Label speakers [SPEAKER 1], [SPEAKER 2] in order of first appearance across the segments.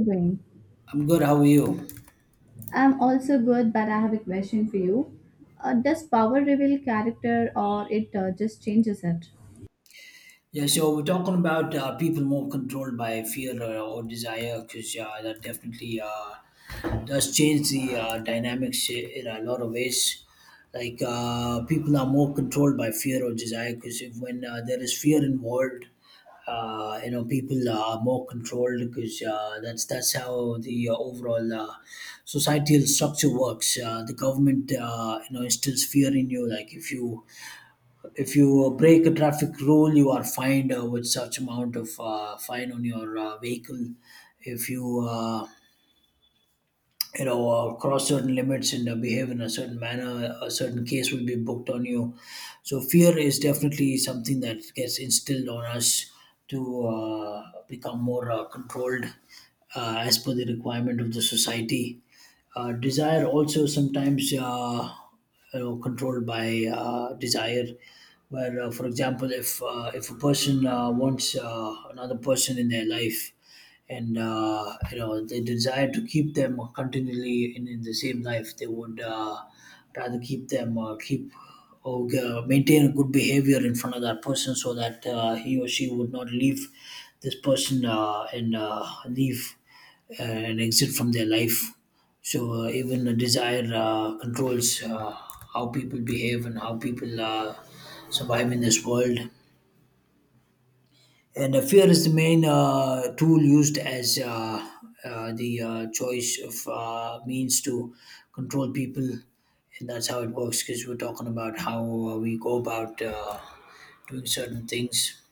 [SPEAKER 1] Doing?
[SPEAKER 2] I'm good. How are you?
[SPEAKER 1] I'm also good, but I have a question for you. Does power reveal character or it just changes it?
[SPEAKER 2] Yeah, so we're talking about people more controlled by fear or desire because yeah, that definitely does change the dynamics in a lot of ways. Like people are more controlled by fear or desire because if when there is fear involved, people are more controlled because that's how the overall societal structure works. The government, instills fear in you. Like if you if you break a traffic rule, you are fined with such amount of fine on your vehicle if you you know cross certain limits and behave in a certain manner, a certain case will be booked on you. So fear is definitely something that gets instilled on us to become more controlled as per the requirement of the society. Desire also sometimes controlled by desire, where for example if a person wants another person in their life and they desire to keep them continually in the same life, they would rather keep them keep or maintain a good behavior in front of that person so that he or she would not leave this person and leave and exit from their life. So even the desire controls how people behave and how people survive in this world. And fear is the main tool used as the choice of means to control people. And that's how it works because we're talking about how we go about doing certain things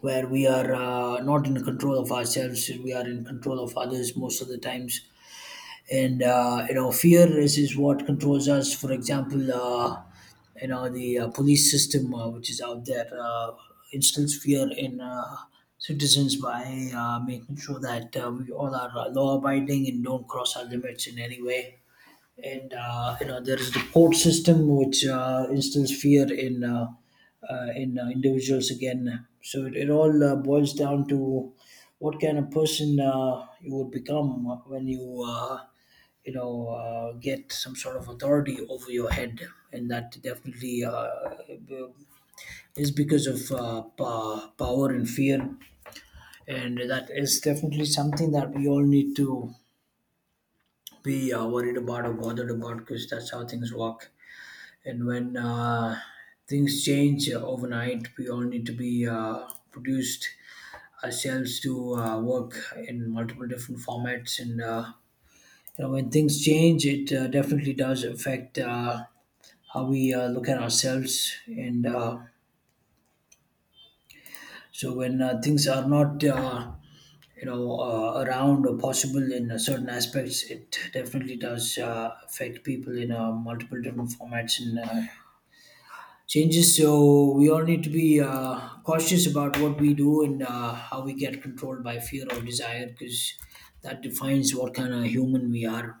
[SPEAKER 2] where we are not in control of ourselves, we are in control of others most of the times. And fear is what controls us. For example, the police system which is out there instills fear in citizens by making sure that we all are law abiding and don't cross our limits in any way. And there is the court system which instills fear in individuals again. So it all boils down to what kind of person you would become when you you know get some sort of authority over your head. And that definitely is because of power and fear, and that is definitely something that we all need to be worried about or bothered about because that's how things work. And when things change overnight, we all need to be produced ourselves to work in multiple different formats. And when things change, it definitely does affect how we look at ourselves. And so when things are not around or possible in certain aspects, it definitely does affect people in multiple different formats and changes. So we all need to be cautious about what we do and how we get controlled by fear or desire, because that defines what kind of human we are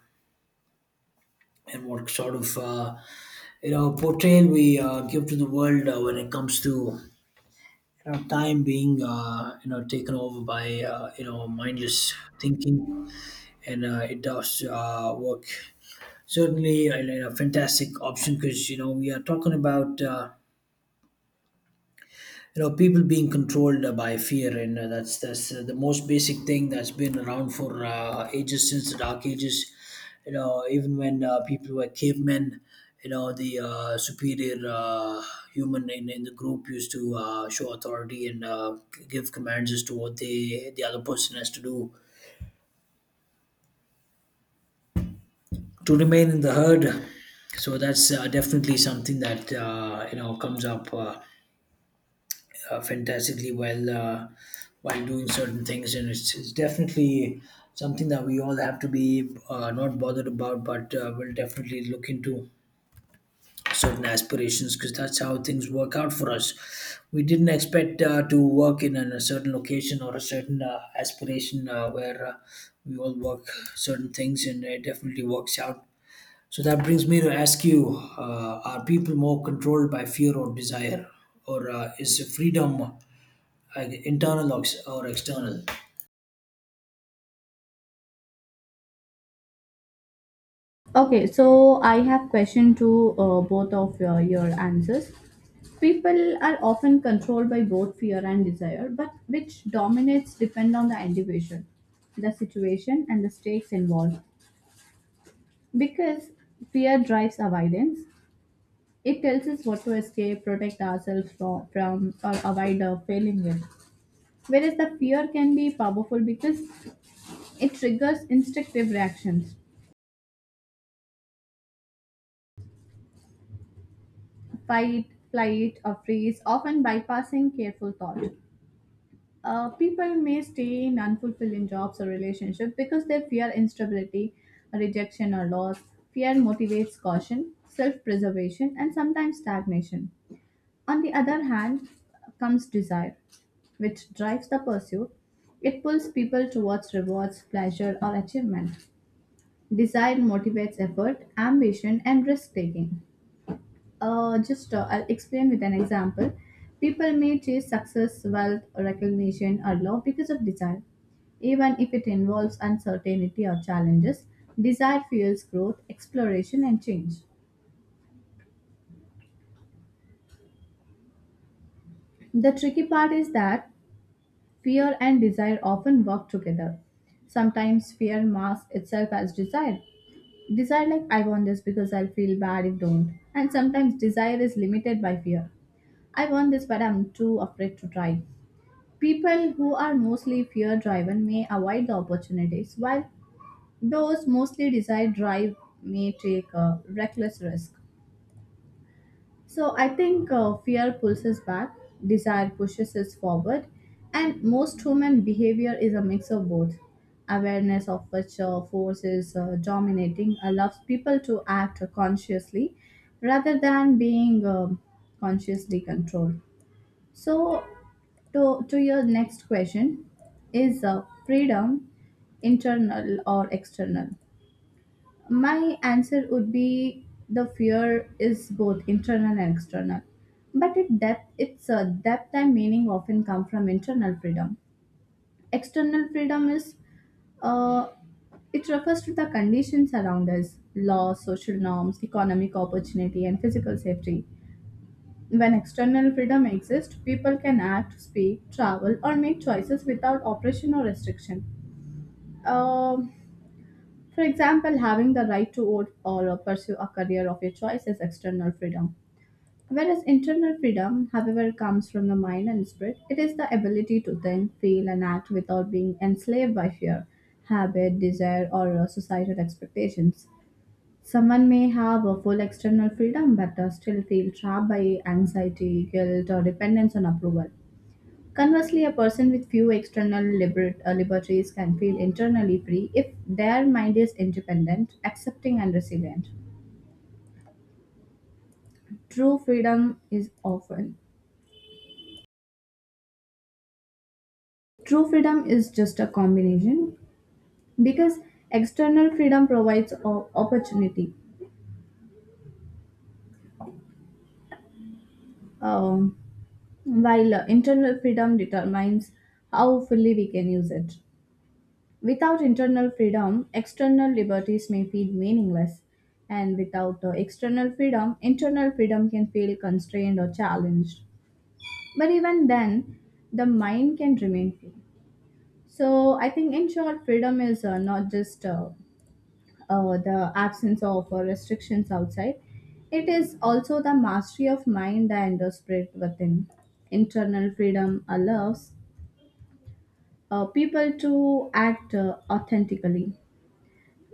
[SPEAKER 2] and what sort of portrayal we give to the world when it comes to time being taken over by mindless thinking. And it does work. Certainly, a fantastic option, because you know we are talking about. You know people being controlled by fear, and that's the most basic thing that's been around for ages since the dark ages. You know, even when people were cavemen, you know the superior human in the group used to show authority and give commands as to what the other person has to do to remain in the herd. So that's definitely something that comes up fantastically well while doing certain things, and it's definitely something that we all have to be not bothered about, but we'll definitely look into certain aspirations because that's how things work out for us. We didn't expect to work in a certain location or a certain aspiration where we all work certain things, and it definitely works out. So that brings me to ask you: are people more controlled by fear or desire, or is freedom? Like internal or external?
[SPEAKER 1] Okay, so I have question to both of your answers. People are often controlled by both fear and desire, but which dominates depend on the individual, the situation, and the stakes involved. Because fear drives avoidance, it tells us what to escape, protect ourselves from or avoid failing it. Whereas the fear can be powerful because it triggers instinctive reactions fight, flight, or freeze, often bypassing careful thought. People may stay in unfulfilling jobs or relationships because they fear instability, rejection, or loss. Fear motivates caution, self preservation, and sometimes stagnation. On the other hand, comes desire, which drives the pursuit. It pulls people towards rewards, pleasure, or achievement. Desire motivates effort, ambition, and risk taking. Just I'll explain with an example. People may chase success, wealth, recognition, or love because of desire. Even if it involves uncertainty or challenges, desire fuels growth, exploration, and change. The tricky part is that fear and desire often work together. Sometimes fear masks itself as desire. Desire, like, I want this because I'll feel bad if don't. And sometimes desire is limited by fear. I want this, but I'm too afraid to try. People who are mostly fear driven may avoid the opportunities, while those mostly desire drive may take a reckless risk. So I think fear pulls us back, desire pushes us forward, and most human behavior is a mix of both. Awareness of which force is dominating allows people to act consciously rather than being consciously controlled. So, to your next question is freedom internal or external? My answer would be the fear is both internal and external. But its depth and meaning often come from internal freedom. External freedom is uh, it refers to the conditions around us law, social norms, economic opportunity, and physical safety. When external freedom exists, people can act, speak, travel, or make choices without oppression or restriction. Um, for example, having the right to vote or pursue a career of your choice is external freedom. Whereas internal freedom, however, comes from the mind and spirit, it is the ability to think, feel, and act without being enslaved by fear, habit, desire, or societal expectations. Someone may have a full external freedom but still feel trapped by anxiety, guilt, or dependence on approval. Conversely, a person with few liberties can feel internally free if their mind is independent, accepting, and resilient. True freedom is often True freedom is just a combination because external freedom provides opportunity, um, while internal freedom determines how fully we can use it. Without internal freedom, external liberties may feel meaningless. And without external freedom, internal freedom can feel constrained or challenged. But even then, the mind can remain free. So, I think in short, freedom is not just the absence of restrictions outside, it is also the mastery of mind and the spirit within. Internal freedom allows people to act authentically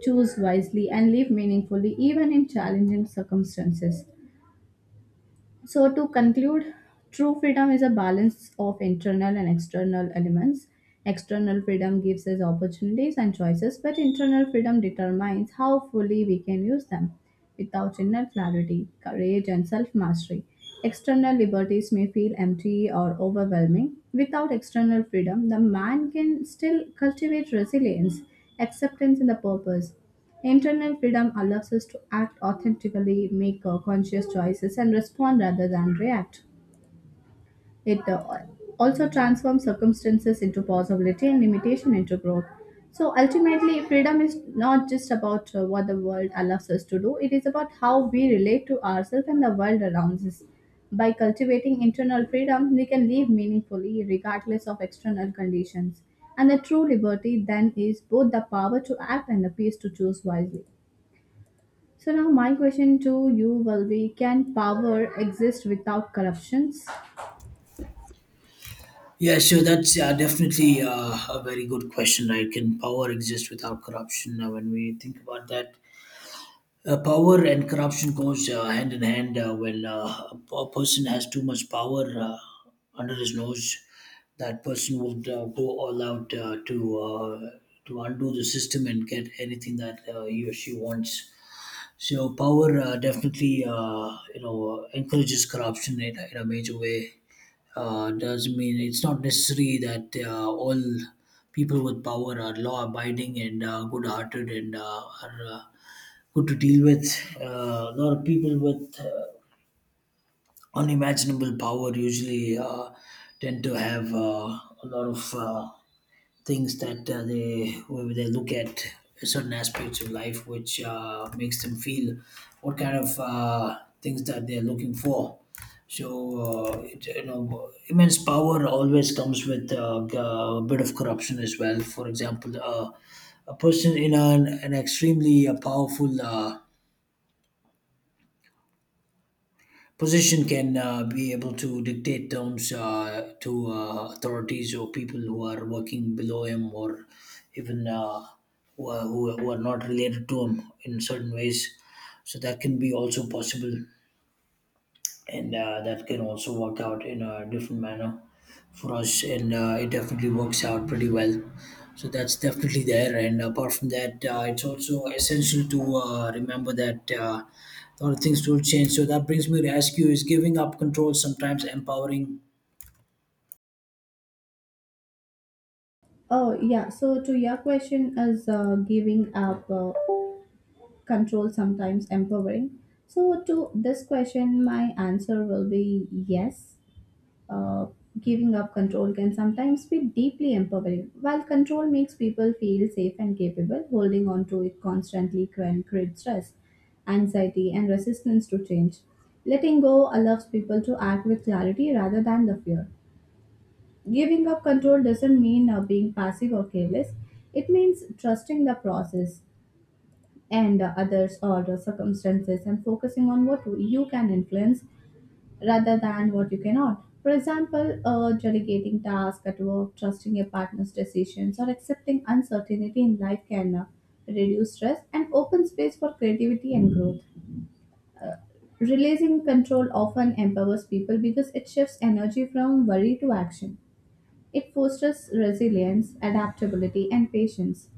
[SPEAKER 1] choose wisely, and live meaningfully even in challenging circumstances. So, to conclude, true freedom is a balance of internal and external elements. External freedom gives us opportunities and choices, but internal freedom determines how fully we can use them. Without inner clarity, courage, and self mastery, external liberties may feel empty or overwhelming. Without external freedom, the man can still cultivate resilience, acceptance, and the purpose. Internal freedom allows us to act authentically, make conscious choices, and respond rather than react. It also transforms circumstances into possibility and limitation into growth. So ultimately, freedom is not just about what the world allows us to do, it is about how we relate to ourselves and the world around us. By cultivating internal freedom, we can live meaningfully regardless of external conditions. And the true liberty then is both the power to act and the peace to choose wisely. So now my question to you will be can power exist without corruptions?
[SPEAKER 2] Yeah, so that's definitely a very good question, right? Can power exist without corruption? When we think about that, power and corruption goes hand in hand. When a person has too much power under his nose, that person would go all out to undo the system and get anything that he or she wants. So power definitely, encourages corruption in, in a major way. Does mean it's not necessary that all people with power are law-abiding and good-hearted and are good to deal with. A lot of people with unimaginable power usually tend to have a lot of things that they where they look at certain aspects of life, which makes them feel what kind of things that they're looking for. So it, you know, immense power always comes with a bit of corruption as well. For example, a person in an extremely powerful position can be able to dictate terms to authorities or people who are working below him or even who are not related to him in certain ways. So that can be also possible, and that can also work out in a different manner for us, and it definitely works out pretty well. So that's definitely there, and apart from that it's also essential to remember that a lot of things will change. So that brings me to ask you: is giving up control sometimes empowering?
[SPEAKER 1] Oh yeah, so to your question is giving up control sometimes empowering. So to this question my answer will be yes, uh, giving up control can sometimes be deeply empowering. While control makes people feel safe and capable, holding on to it constantly can create stress, anxiety, and resistance to change. Letting go allows people to act with clarity rather than the fear. Giving up control doesn't mean being passive or careless, it means trusting the process and others or the circumstances and focusing on what you can influence rather than what you cannot. For example, delegating tasks at work, trusting your partner's decisions, or accepting uncertainty in life can reduce stress and open space for creativity and growth. Releasing control often empowers people because it shifts energy from worry to action. It fosters resilience, adaptability, and patience.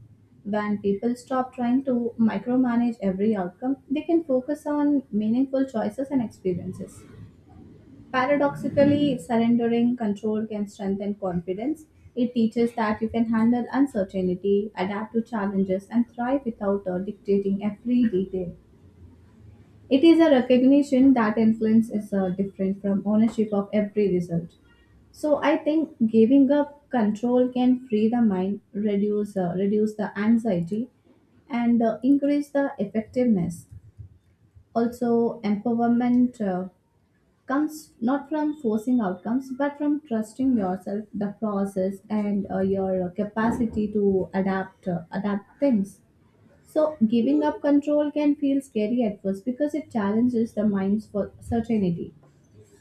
[SPEAKER 1] When people stop trying to micromanage every outcome, they can focus on meaningful choices and experiences. Paradoxically, surrendering control can strengthen confidence. It teaches that you can handle uncertainty, adapt to challenges, and thrive without dictating every detail. It is a recognition that influence is different from ownership of every result. So I think giving up control can free the mind, reduce the anxiety, and increase the effectiveness. Also, empowerment comes not from forcing outcomes but from trusting yourself the process and your capacity to adapt things. So giving up control can feel scary at first because it challenges the mind's for certainty.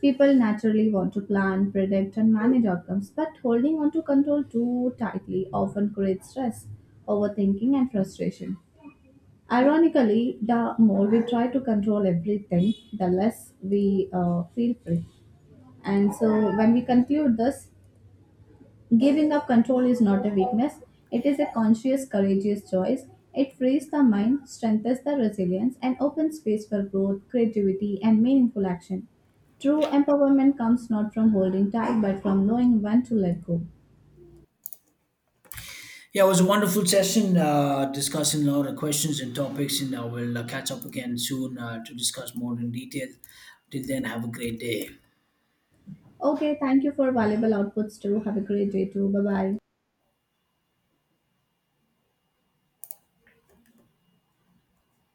[SPEAKER 1] People naturally want to plan predict and manage outcomes, but holding on to control too tightly often creates stress overthinking and frustration. Ironically the more we try to control everything the less we feel free. And so, when we conclude this, giving up control is not a weakness, it is a conscious, courageous choice. It frees the mind, strengthens the resilience, and opens space for growth, creativity, and meaningful action. True empowerment comes not from holding tight, but from knowing when to let go.
[SPEAKER 2] Yeah, it was a wonderful session discussing a lot of questions and topics, and we'll catch up again soon to discuss more in detail. Till then, have a great day.
[SPEAKER 1] Okay, thank you for valuable outputs too. Have a great day too. Bye bye.